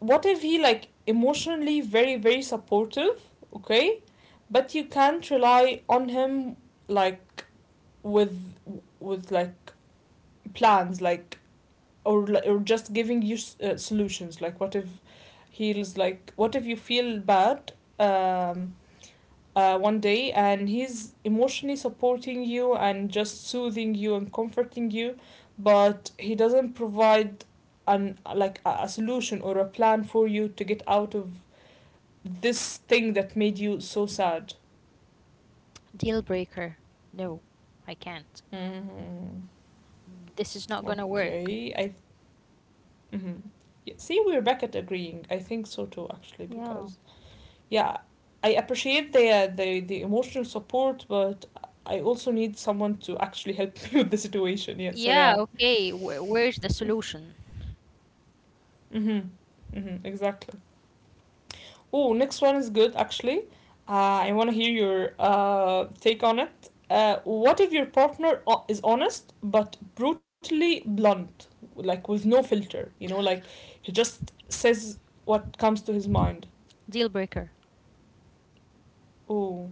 S1: what if he, like, emotionally very very supportive, okay, but you can't rely on him, like, with with like plans, like, or just giving you solutions, like what if he's like, what if you feel bad um one day and he's emotionally supporting you and just soothing you and comforting you, but he doesn't provide an like a solution or a plan for you to get out of this thing that made you so sad.
S2: Deal breaker. No, I can't.
S1: Mm-hmm.
S2: This is not gonna work.
S1: Okay, I, mhm, yeah. See, we're back at agreeing. I think so too actually
S2: Yeah.
S1: because yeah, I appreciate the the emotional support, but I also need someone to actually help <laughs> me with the situation. Yeah, so
S2: Yeah,
S1: yeah.
S2: okay. Where's the solution?
S1: Mm-hmm. Mm-hmm. Exactly. Oh, next one is good actually. I want to hear your take on it. What if your partner is honest but brutally blunt, like with no filter? You know, like he just says what comes to his mind.
S2: Deal breaker.
S1: Oh,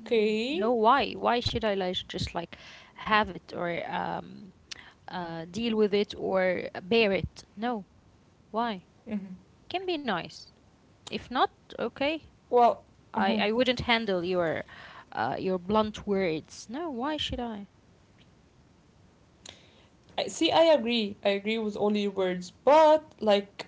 S2: Mm, no, why? Why should I like just like have it, or deal with it, or bear it? No, why?
S1: Mm-hmm.
S2: Can be nice. If not, okay.
S1: Well,
S2: I wouldn't handle your blunt words. No, why should I?
S1: I see. I agree. I agree with all your words, but like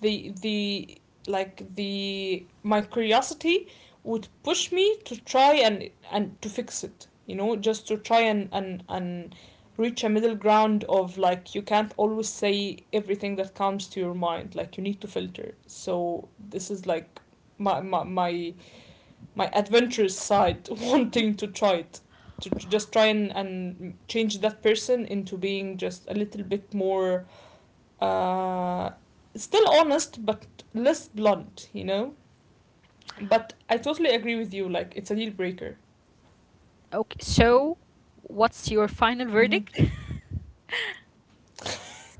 S1: the like the my curiosity would push me to try and to fix it. You know, just to try and reach a middle ground of, like, you can't always say everything that comes to your mind. Like, you need to filter. So this is like my my my my adventurous side <laughs> wanting to try it to, just try and change that person into being just a little bit more, uh, still honest but less blunt, you know. But I totally agree with you, like it's a deal breaker.
S2: Okay, so what's your final
S1: Hmm.
S2: verdict? <laughs>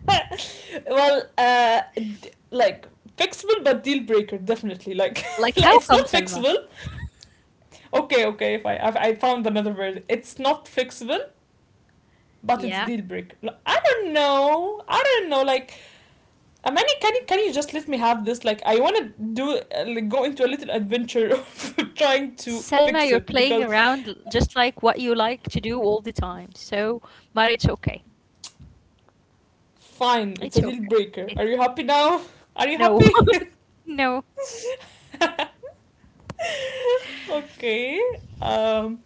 S1: <laughs> Well, like fixable but deal breaker, definitely. Like, <laughs>
S2: Like,
S1: like
S2: how
S1: it's
S2: come,
S1: not
S2: Selma?
S1: fixable. Okay, okay, if I found another word, it's not fixable but it's
S2: Yeah.
S1: deal breaker. Like, I don't know, like, Amani, can you just let me have this? Like, I want to do, like, go into a little adventure of <laughs> trying to
S2: Selma,
S1: fix
S2: you're
S1: it
S2: playing
S1: because
S2: around just like what you like to do all the time. So, but it's okay.
S1: fine, it's
S2: It's
S1: a deal
S2: okay.
S1: breaker.
S2: It-
S1: Are you happy now? Are you
S2: No.
S1: happy?
S2: <laughs> No.
S1: <laughs> Okay. Um.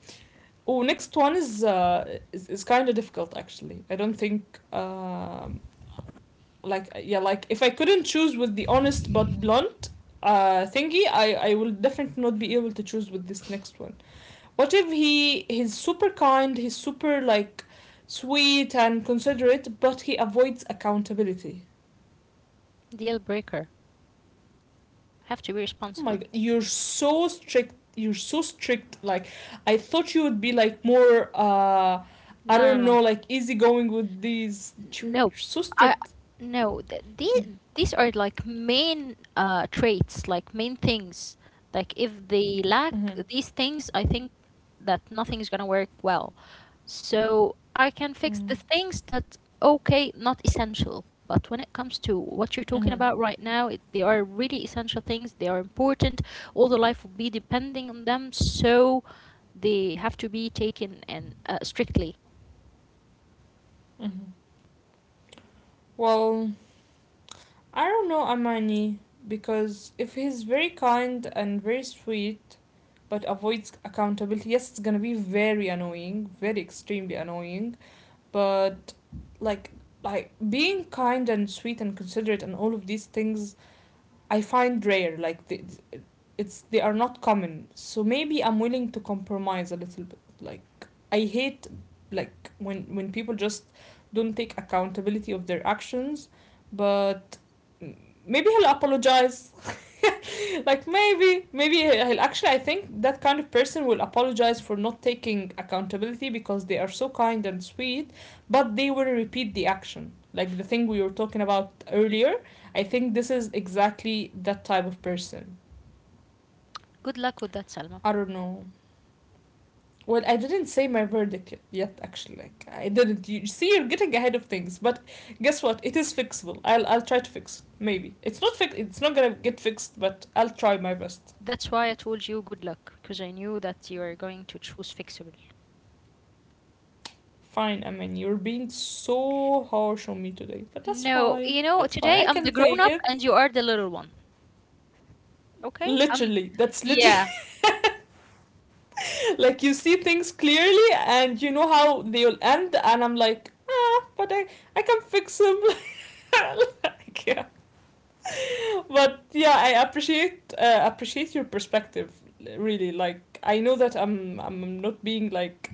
S1: Oh, next one is is kind of difficult actually. I don't think um, like yeah, like if I couldn't choose with the honest but blunt thingy, I will definitely not be able to choose with this next one. What if he's super kind, he's super like sweet and considerate, but he avoids accountability?
S2: Deal breaker. Have to be
S1: Oh my
S2: responsible.
S1: god, you're so strict. You're so strict. Like I thought you would be like more. Uh, I
S2: No, no,
S1: don't
S2: no.
S1: know, like easygoing with these.
S2: No,
S1: You're so
S2: I
S1: strict.
S2: no. These are like main traits, like main things. Like if they lack
S1: Mm-hmm.
S2: these things, I think that nothing's gonna work well. So I can fix
S1: Mm-hmm.
S2: the things that, okay, not essential. But when it comes to what you're talking
S1: Mm-hmm.
S2: about right now, they are really essential things. They are important. All the life will be depending on them, so they have to be taken and strictly.
S1: Mm-hmm. Well, I don't know Amani, because if he's very kind and very sweet but avoids accountability, yes, it's gonna be very annoying, very extremely annoying. But like like being kind and sweet and considerate and all of these things, I find rare. Like the, it's they are not common. So maybe I'm willing to compromise a little bit. Like, I hate, like when people just don't take accountability of their actions, but maybe he'll apologize. <laughs> Like, maybe he'll actually, I think that kind of person will apologize for not taking accountability because they are so kind and sweet, but they will repeat the action. Like the thing we were talking about earlier, I think this is exactly that type of person.
S2: Good luck with that, Salma.
S1: I don't know. Well, I didn't say my verdict yet. Actually, like I didn't. You see, you're getting ahead of things. But guess what? It is fixable. I'll try to fix. It. Maybe it's not fix. It's not gonna get fixed. But I'll try my best.
S2: That's why I told you good luck, because I knew that you are going to choose fixable.
S1: Fine, I mean you're being so harsh on me today, but that's
S2: No,
S1: fine. That's fine.
S2: today
S1: I
S2: I'm
S1: can
S2: the grown
S1: take
S2: up
S1: it.
S2: and you are the little one. Okay?
S1: Literally, that's literally
S2: Yeah.
S1: <laughs> like you see things clearly and you know how they'll end, and I'm like, but I can fix them. <laughs> Like <laughs> but yeah, I appreciate appreciate your perspective. Really, like I know that I'm not being like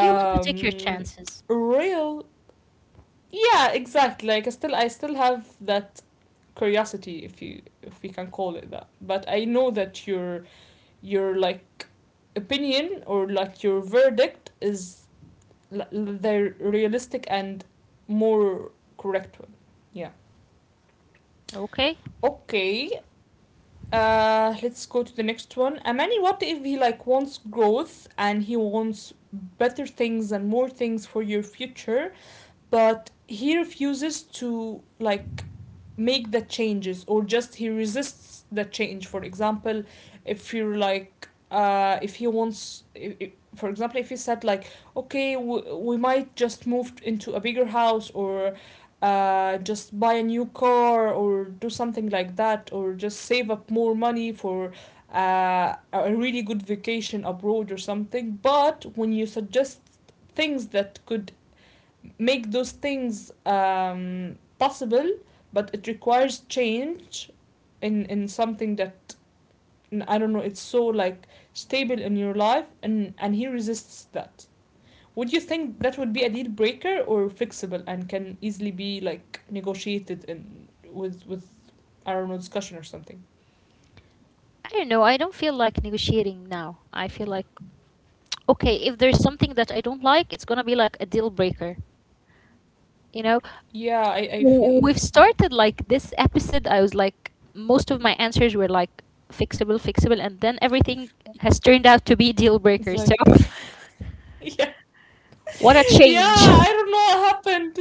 S2: You want to take your chances.
S1: real. Yeah, exactly. Like I still have that curiosity, if you if we can call it that. But I know that your like opinion or like your verdict is the realistic and more correct one. Yeah.
S2: Okay?
S1: Okay, let's go to the next one. Amani, what if he, like, wants growth and he wants better things and more things for your future, but he refuses to like make the changes, or just he resists the change. For example, if you're like, if he wants, I for example, if he said like, okay, we might just move into a bigger house or just buy a new car or do something like that, or just save up more money for a really good vacation abroad or something. But when you suggest things that could make those things, possible, but it requires change in something that, I, don't know, it's so like stable in your life, and he resists that. Would you think that would be a deal breaker or fixable and can easily be like negotiated in with I don't know, discussion or something?
S2: I don't know. I don't feel like negotiating now. I feel like, okay, if there's something that I don't like, it's gonna be like a deal breaker. You know?
S1: Yeah, I feel like,
S2: We've started like this episode, I was like most of my answers were like fixable, fixable, and then everything has turned out to be deal
S1: it's
S2: breakers. So,
S1: like <laughs> yeah.
S2: <laughs> what a
S1: Yeah,
S2: change.
S1: I don't know what happened.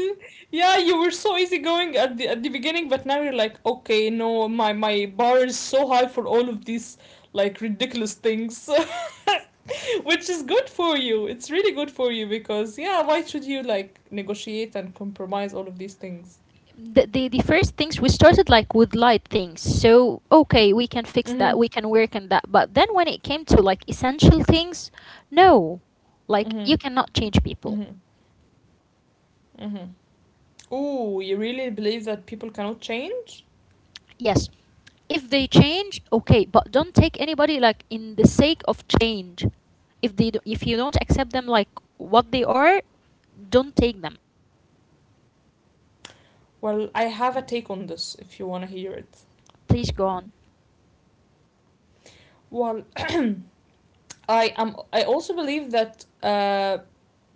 S1: Yeah, you were so easygoing at the beginning, but now you're like, okay, no, my bar is so high for all of these, like, ridiculous things, <laughs> which is good for you. It's really good for you, because yeah, why should you like negotiate and compromise all of these things?
S2: The first things we started like with light things, so okay, we can fix that,
S1: Mhm.
S2: we can work on that. But then when it came to like essential things, no, like,
S1: Mhm.
S2: you cannot change people.
S1: Mhm. Mhm. Ooh, you really believe that people cannot change?
S2: Yes, if they change, okay, but don't take anybody like in the sake of change. If they do, if you don't accept them like what they are, don't take them.
S1: Well, I have a take on this if you want to hear it.
S2: Please go on.
S1: Well, I am. I also believe that,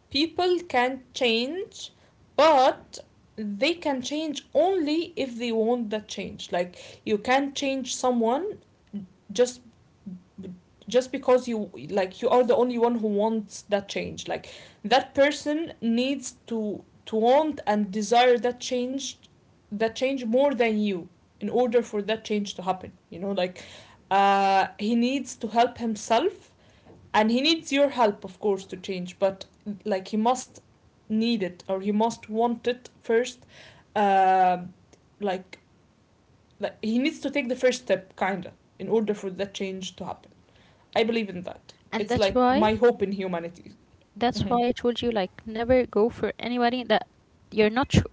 S1: people can change, but they can change only if they want that change. Like, you can't change someone just just because you, like, you are the only one who wants that change. Like, that person needs to want and desire that change, more than you in order for that change to happen. You know, like he needs to help himself and he needs your help, of course, to change, but like he must need it or he must want it first. uh, like like he needs to take the first step, kinda, in order for that change to happen. I believe in that.
S2: And
S1: It's
S2: that's
S1: like
S2: why
S1: my hope in humanity.
S2: that's
S1: Mm-hmm.
S2: why I told you, like, never go for anybody that you're not sure,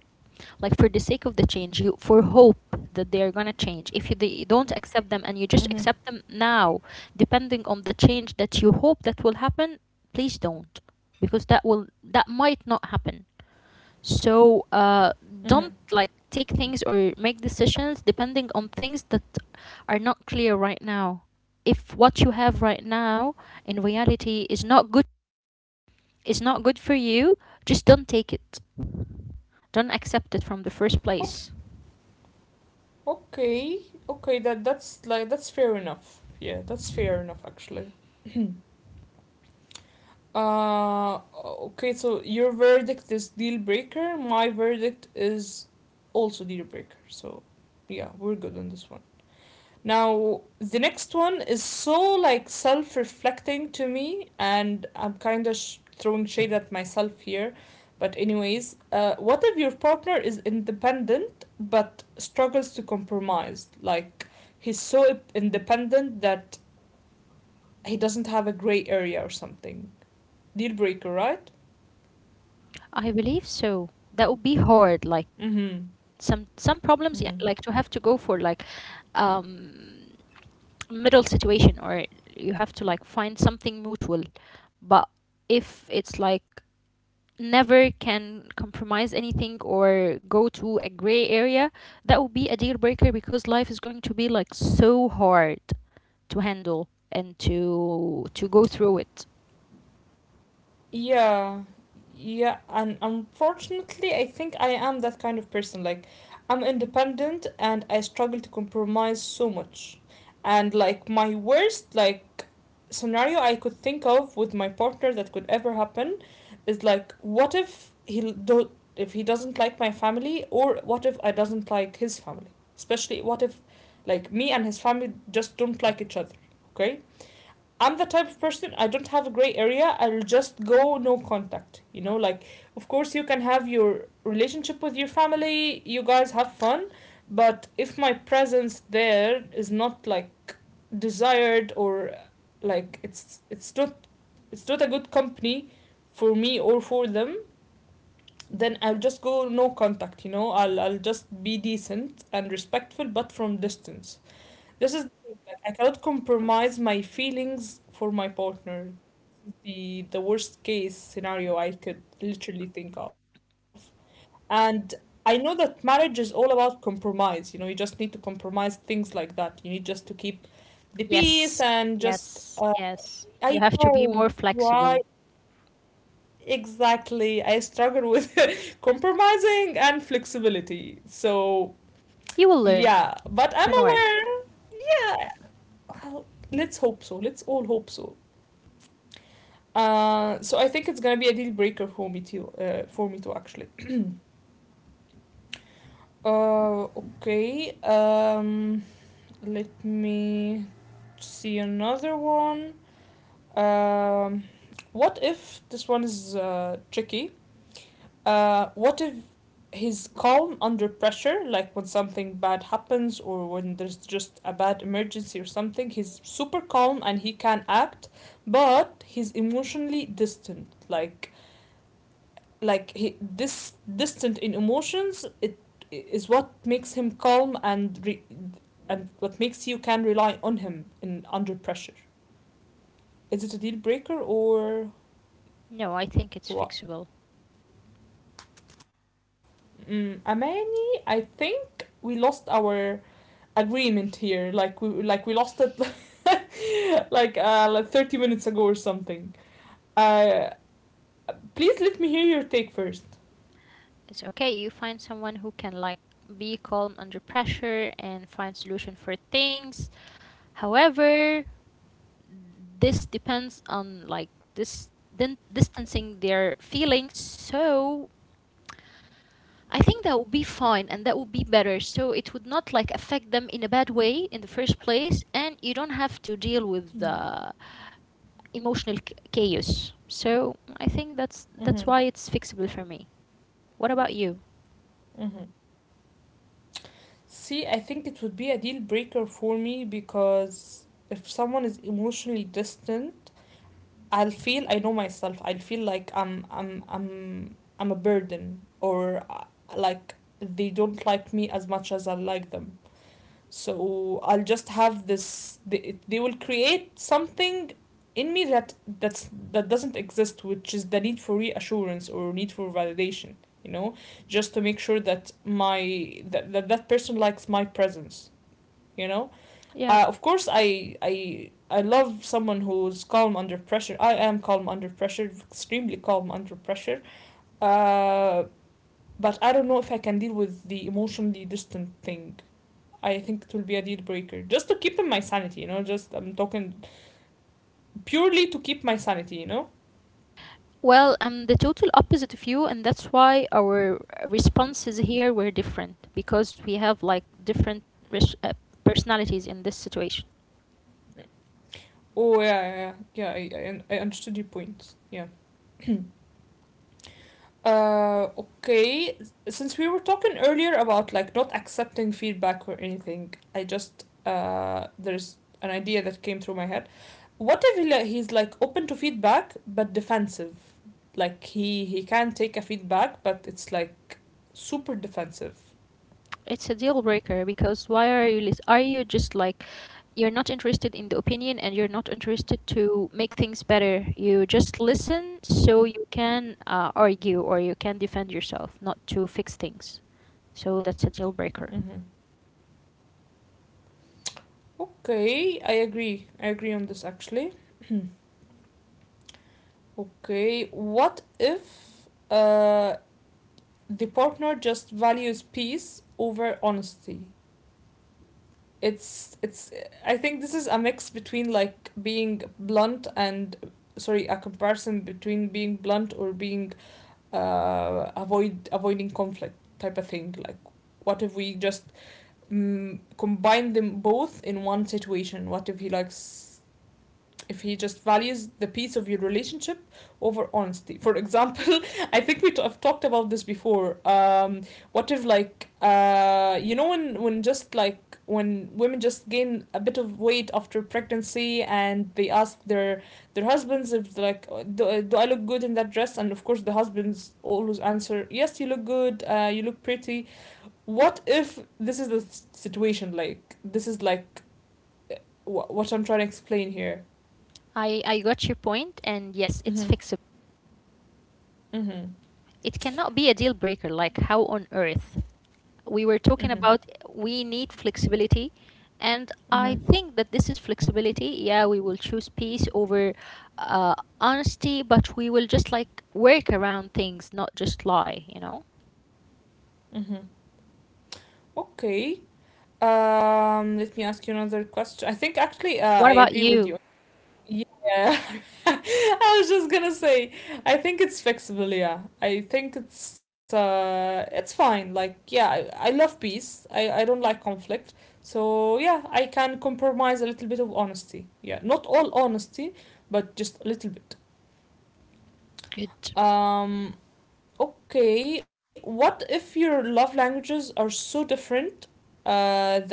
S2: like, for the sake of the change, you for hope that they're gonna change. If you they don't accept them and you just
S1: Mm-hmm.
S2: accept them now, depending on the change that you hope that will happen. Please don't, because that might not happen. So, don't like take things or make decisions depending on things that are not clear right now. If what you have right now in reality is not good, is not good for you, just don't take it. Don't accept it from the first
S1: Oh,
S2: place.
S1: okay, okay, that's like that's fair enough, yeah, that's fair enough actually. Okay, so your verdict is deal breaker. My verdict is also deal breaker. So, yeah, we're good on this one. Now, the next one is so like self reflecting to me, and I'm kind of throwing shade at myself here. But anyways, what if your partner is independent but struggles to compromise? Like, he's so independent that he doesn't have a gray area or something. Deal breaker, right?
S2: I believe so. That would be hard. Like,
S1: Mm-hmm.
S2: some problems, yeah, like to have to go for like um middle situation, or you have to like find something mutual. But if it's like never can compromise anything or go to a gray area, that would be a deal breaker, because life is going to be like so hard to handle and to go through it.
S1: Yeah. Yeah, and unfortunately, I think I am that kind of person. Like, I'm independent and I struggle to compromise so much. And like my worst like scenario I could think of with my partner that could ever happen is like what if he doesn't like my family, or what if I doesn't like his family? Especially what if like me and his family just don't like each other, okay? I'm the type of person, I don't have a gray area. I'll just go no contact. You know, like of course you can have your relationship with your family. You guys have fun, but if my presence there is not like desired, or like it's it's not a good company for me or for them, then I'll just go no contact. You know, I'll just be decent and respectful, but from distance. This is like I cannot compromise my feelings for my partner. The worst case scenario I could literally think of. And I know that marriage is all about compromise. You know, you just need to compromise things like that. You need just to keep the peace
S2: Yes.
S1: and just
S2: Yes. Yes.
S1: I
S2: You have to be
S1: know
S2: more
S1: why
S2: flexible.
S1: exactly I struggle with <laughs> compromising and flexibility. So
S2: You will learn.
S1: yeah, but I'm
S2: Don't worry.
S1: aware. Yeah. Well, let's hope so. Let's all hope so. So I think it's gonna be a deal breaker for me too. For me too, actually. Okay. Let me see another one. Um, what if this one is tricky? What if he's calm under pressure, like when something bad happens, or when there's just a bad emergency or something? He's super calm and he can act, but he's emotionally distant. Like he this distant in emotions. It is what makes him calm and and what makes you can rely on him in under pressure. Is it a deal breaker or
S2: No, I think it's
S1: what?
S2: fixable.
S1: Mm, Amani, I think we lost our agreement here. Like we lost it <laughs> like 30 minutes ago or something. Uh, Please let me hear your take first.
S2: It's okay. You find someone who can like be calm under pressure and find solution for things. However, this depends on like this then distancing their feelings. So I think that would be fine, and that would be better. So it would not like affect them in a bad way in the first place, and you don't have to deal with the emotional chaos. So I think that's
S1: Mm-hmm.
S2: why it's fixable for me. What about you?
S1: Mm-hmm. See, I think it would be a deal breaker for me because if someone is emotionally distant, I'll feel, I know myself. I'll feel like I'm a burden, or like they don't like me as much as I like them. So I'll just have this, they will create something in me that that doesn't exist, which is the need for reassurance or need for validation, you know, just to make sure that that person likes my presence, you know.
S2: Yeah.
S1: Of course I love someone who's calm under pressure. I am calm under pressure, extremely calm under pressure. uh, but I don't know if I can deal with the emotionally distant thing. I think it will be a deal breaker just to keep in my sanity, you know. Just I'm talking purely to keep my sanity, you know.
S2: Well, I'm the total opposite of you, and that's why our responses here were different, because we have like different res- uh, personalities in this situation.
S1: Oh yeah, yeah, yeah. Yeah, I understood your point. Yeah. Okay. Since we were talking earlier about like not accepting feedback or anything, I just there's an idea that came through my head. What if he's like open to feedback but defensive? Like he can take a feedback, but it's like super defensive.
S2: It's a deal breaker, because why are you are you just like, you're not interested in the opinion, and you're not interested to make things better. You just listen so you can argue or you can defend yourself, not to fix things. So that's a deal breaker.
S1: Mm-hmm. Okay, I agree. I agree on this actually. Okay, what if the partner just values peace over honesty? It's it's. I think this is a mix between like being blunt and, sorry, a comparison between being blunt or being avoiding conflict type of thing. Like, what if we just, mm, combine them both in one situation? What if he likes, if he just values the peace of your relationship over honesty? For example, <laughs> I think we have talked about this before. What if like you know, when just like when women just gain a bit of weight after pregnancy and they ask their husbands if like do I look good in that dress, and of course the husbands always answer yes, you look good, you look pretty. What if this is the situation, like this is like what I'm trying to explain here?
S2: I got your point, and yes, it's
S1: Mhm.
S2: fixable.
S1: Mhm.
S2: It cannot be a deal breaker. Like, how on earth? We were
S1: Mhm.
S2: talking about we need flexibility. And I
S1: Mhm.
S2: think that this is flexibility. Yeah, we will choose peace over honesty, but we will just like work around things, not just lie, you know?
S1: Mhm. Okay. Let me ask you another question. I think actually, I
S2: What about
S1: agree with
S2: you?
S1: you. Yeah. <laughs> I was just gonna say, I think it's fixable, yeah. I think it's fine. Like, yeah, I love peace. I don't like conflict. So, yeah, I can compromise a little bit of honesty. Yeah, not all honesty, but just a little bit.
S2: Good.
S1: Um, Okay, what if your love languages are so different, that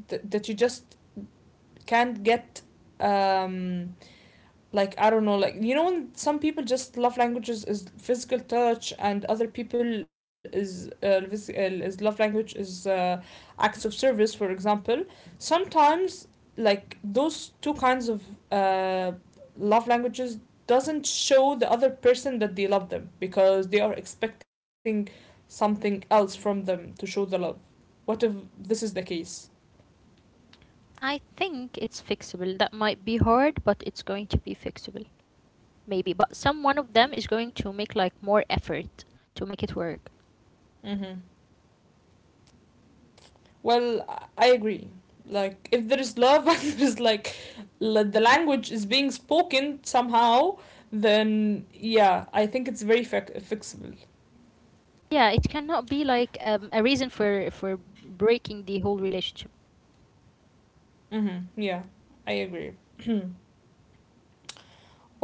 S1: that you just can't get, um, like I don't know, like you know, when some people just love languages is physical touch, and other people is is love language is acts of service, for example. Sometimes, like those two kinds of uh, love languages doesn't show the other person that they love them because they are expecting something else from them to show the love. What if this is the case?
S2: I think it's fixable. That might be hard, but it's going to be fixable. Maybe. But some one of them is going to make like more effort to make it work.
S1: Mm-hmm. Well, I agree. Like, if there is love <laughs> and there is like the language is being spoken somehow, then yeah, I think it's very fixable.
S2: Yeah, it cannot be like a reason for breaking the whole relationship.
S1: Mm-hmm. Yeah, I agree. <clears throat>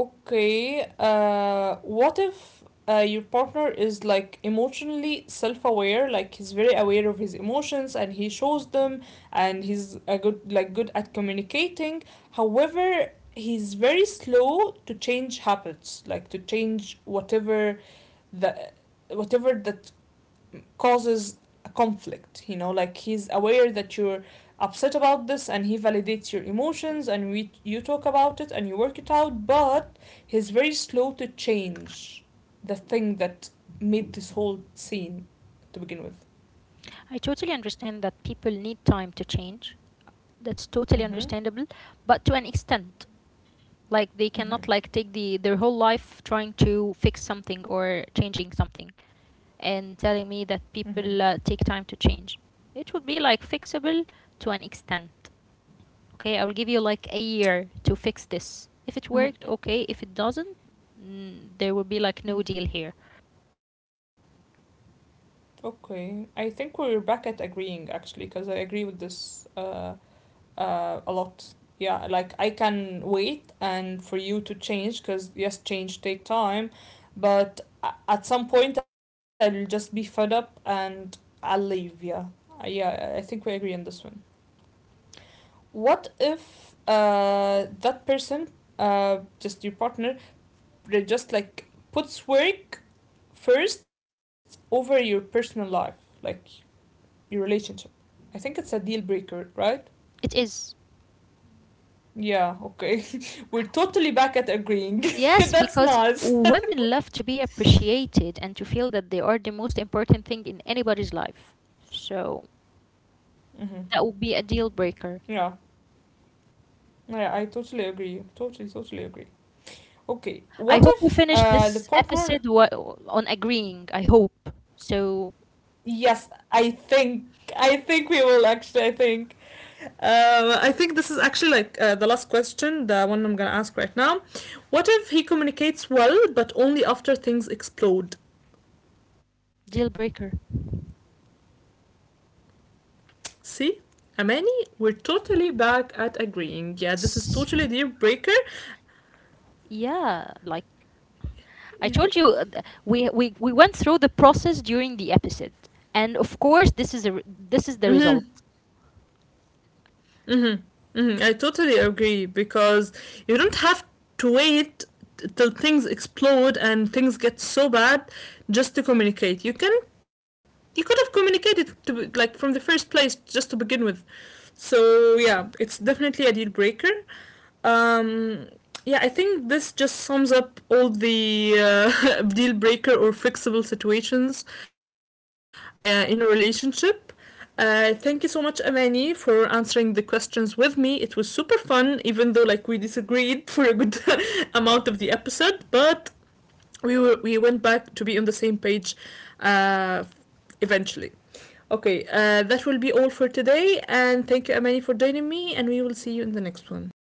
S1: Okay, what if your partner is like emotionally self aware, like he's very aware of his emotions and he shows them, and he's a good like good at communicating. However, he's very slow to change habits, like to change whatever the whatever that causes a conflict. You know, like he's aware that you're upset about this, and he validates your emotions, and we you talk about it and you work it out, but he's very slow to change the thing that made this whole scene to begin with.
S2: I totally understand that people need time to change. That's totally
S1: Mm-hmm.
S2: understandable, but to an extent. Like, they
S1: Mm-hmm.
S2: cannot like take their whole life trying to fix something or changing something and telling me
S1: Mm-hmm.
S2: that people take time to change. It would be like fixable to an extent. Okay, I'll give you like a year to fix this. If it worked, okay. If it doesn't, there will be like no deal here.
S1: Okay, I think we're back at agreeing, actually, because I agree with this a lot. Yeah, like I can wait and for you to change, because yes, change take time, but at some point I'll just be fed up and I'll leave. Yeah. Yeah, I think we agree on this one. What if that person, just your partner, they just like puts work first over your personal life, like your relationship? I think it's a deal breaker, right?
S2: It is.
S1: Yeah, okay. <laughs> We're totally back at agreeing. <laughs>
S2: Yes,
S1: That's
S2: because
S1: nice.
S2: women love to be appreciated and to feel that they are the most important thing in anybody's life. So
S1: Mm-hmm.
S2: that would be a deal breaker.
S1: Yeah. Yeah, I totally agree. Totally, totally agree. Okay,
S2: I
S1: what
S2: hope we
S1: if
S2: finish
S1: the
S2: this episode
S1: partner.
S2: on agreeing. I hope. So,
S1: Yes, I think. I think we will actually. I think. I think this is actually like the last question, the one I'm gonna ask right now. What if he communicates well, but only after things explode?
S2: deal breaker.
S1: See? Amani, we're totally back at agreeing. Yeah, this is
S2: S-
S1: totally a deal breaker.
S2: Yeah, like I
S1: Yeah.
S2: told you, we went through the process during the episode. And of course, this is the
S1: Mm-hmm.
S2: result.
S1: Mm-hmm. Mm-hmm. I totally agree because you don't have to wait till things explode and things get so bad just to communicate. You can, you could have communicated to like from the first place just to begin with. So yeah, it's definitely a deal breaker. Um, yeah, I think this just sums up all the <laughs> deal breaker or fixable situations in a relationship. Thank you so much, Amani, for answering the questions with me. It was super fun, even though like we disagreed <laughs> for a good <laughs> amount of the episode, but we went back to be on the same page, uh, eventually. Okay, that will be all for today, and thank you, Amani, for joining me, and we will see you in the next one.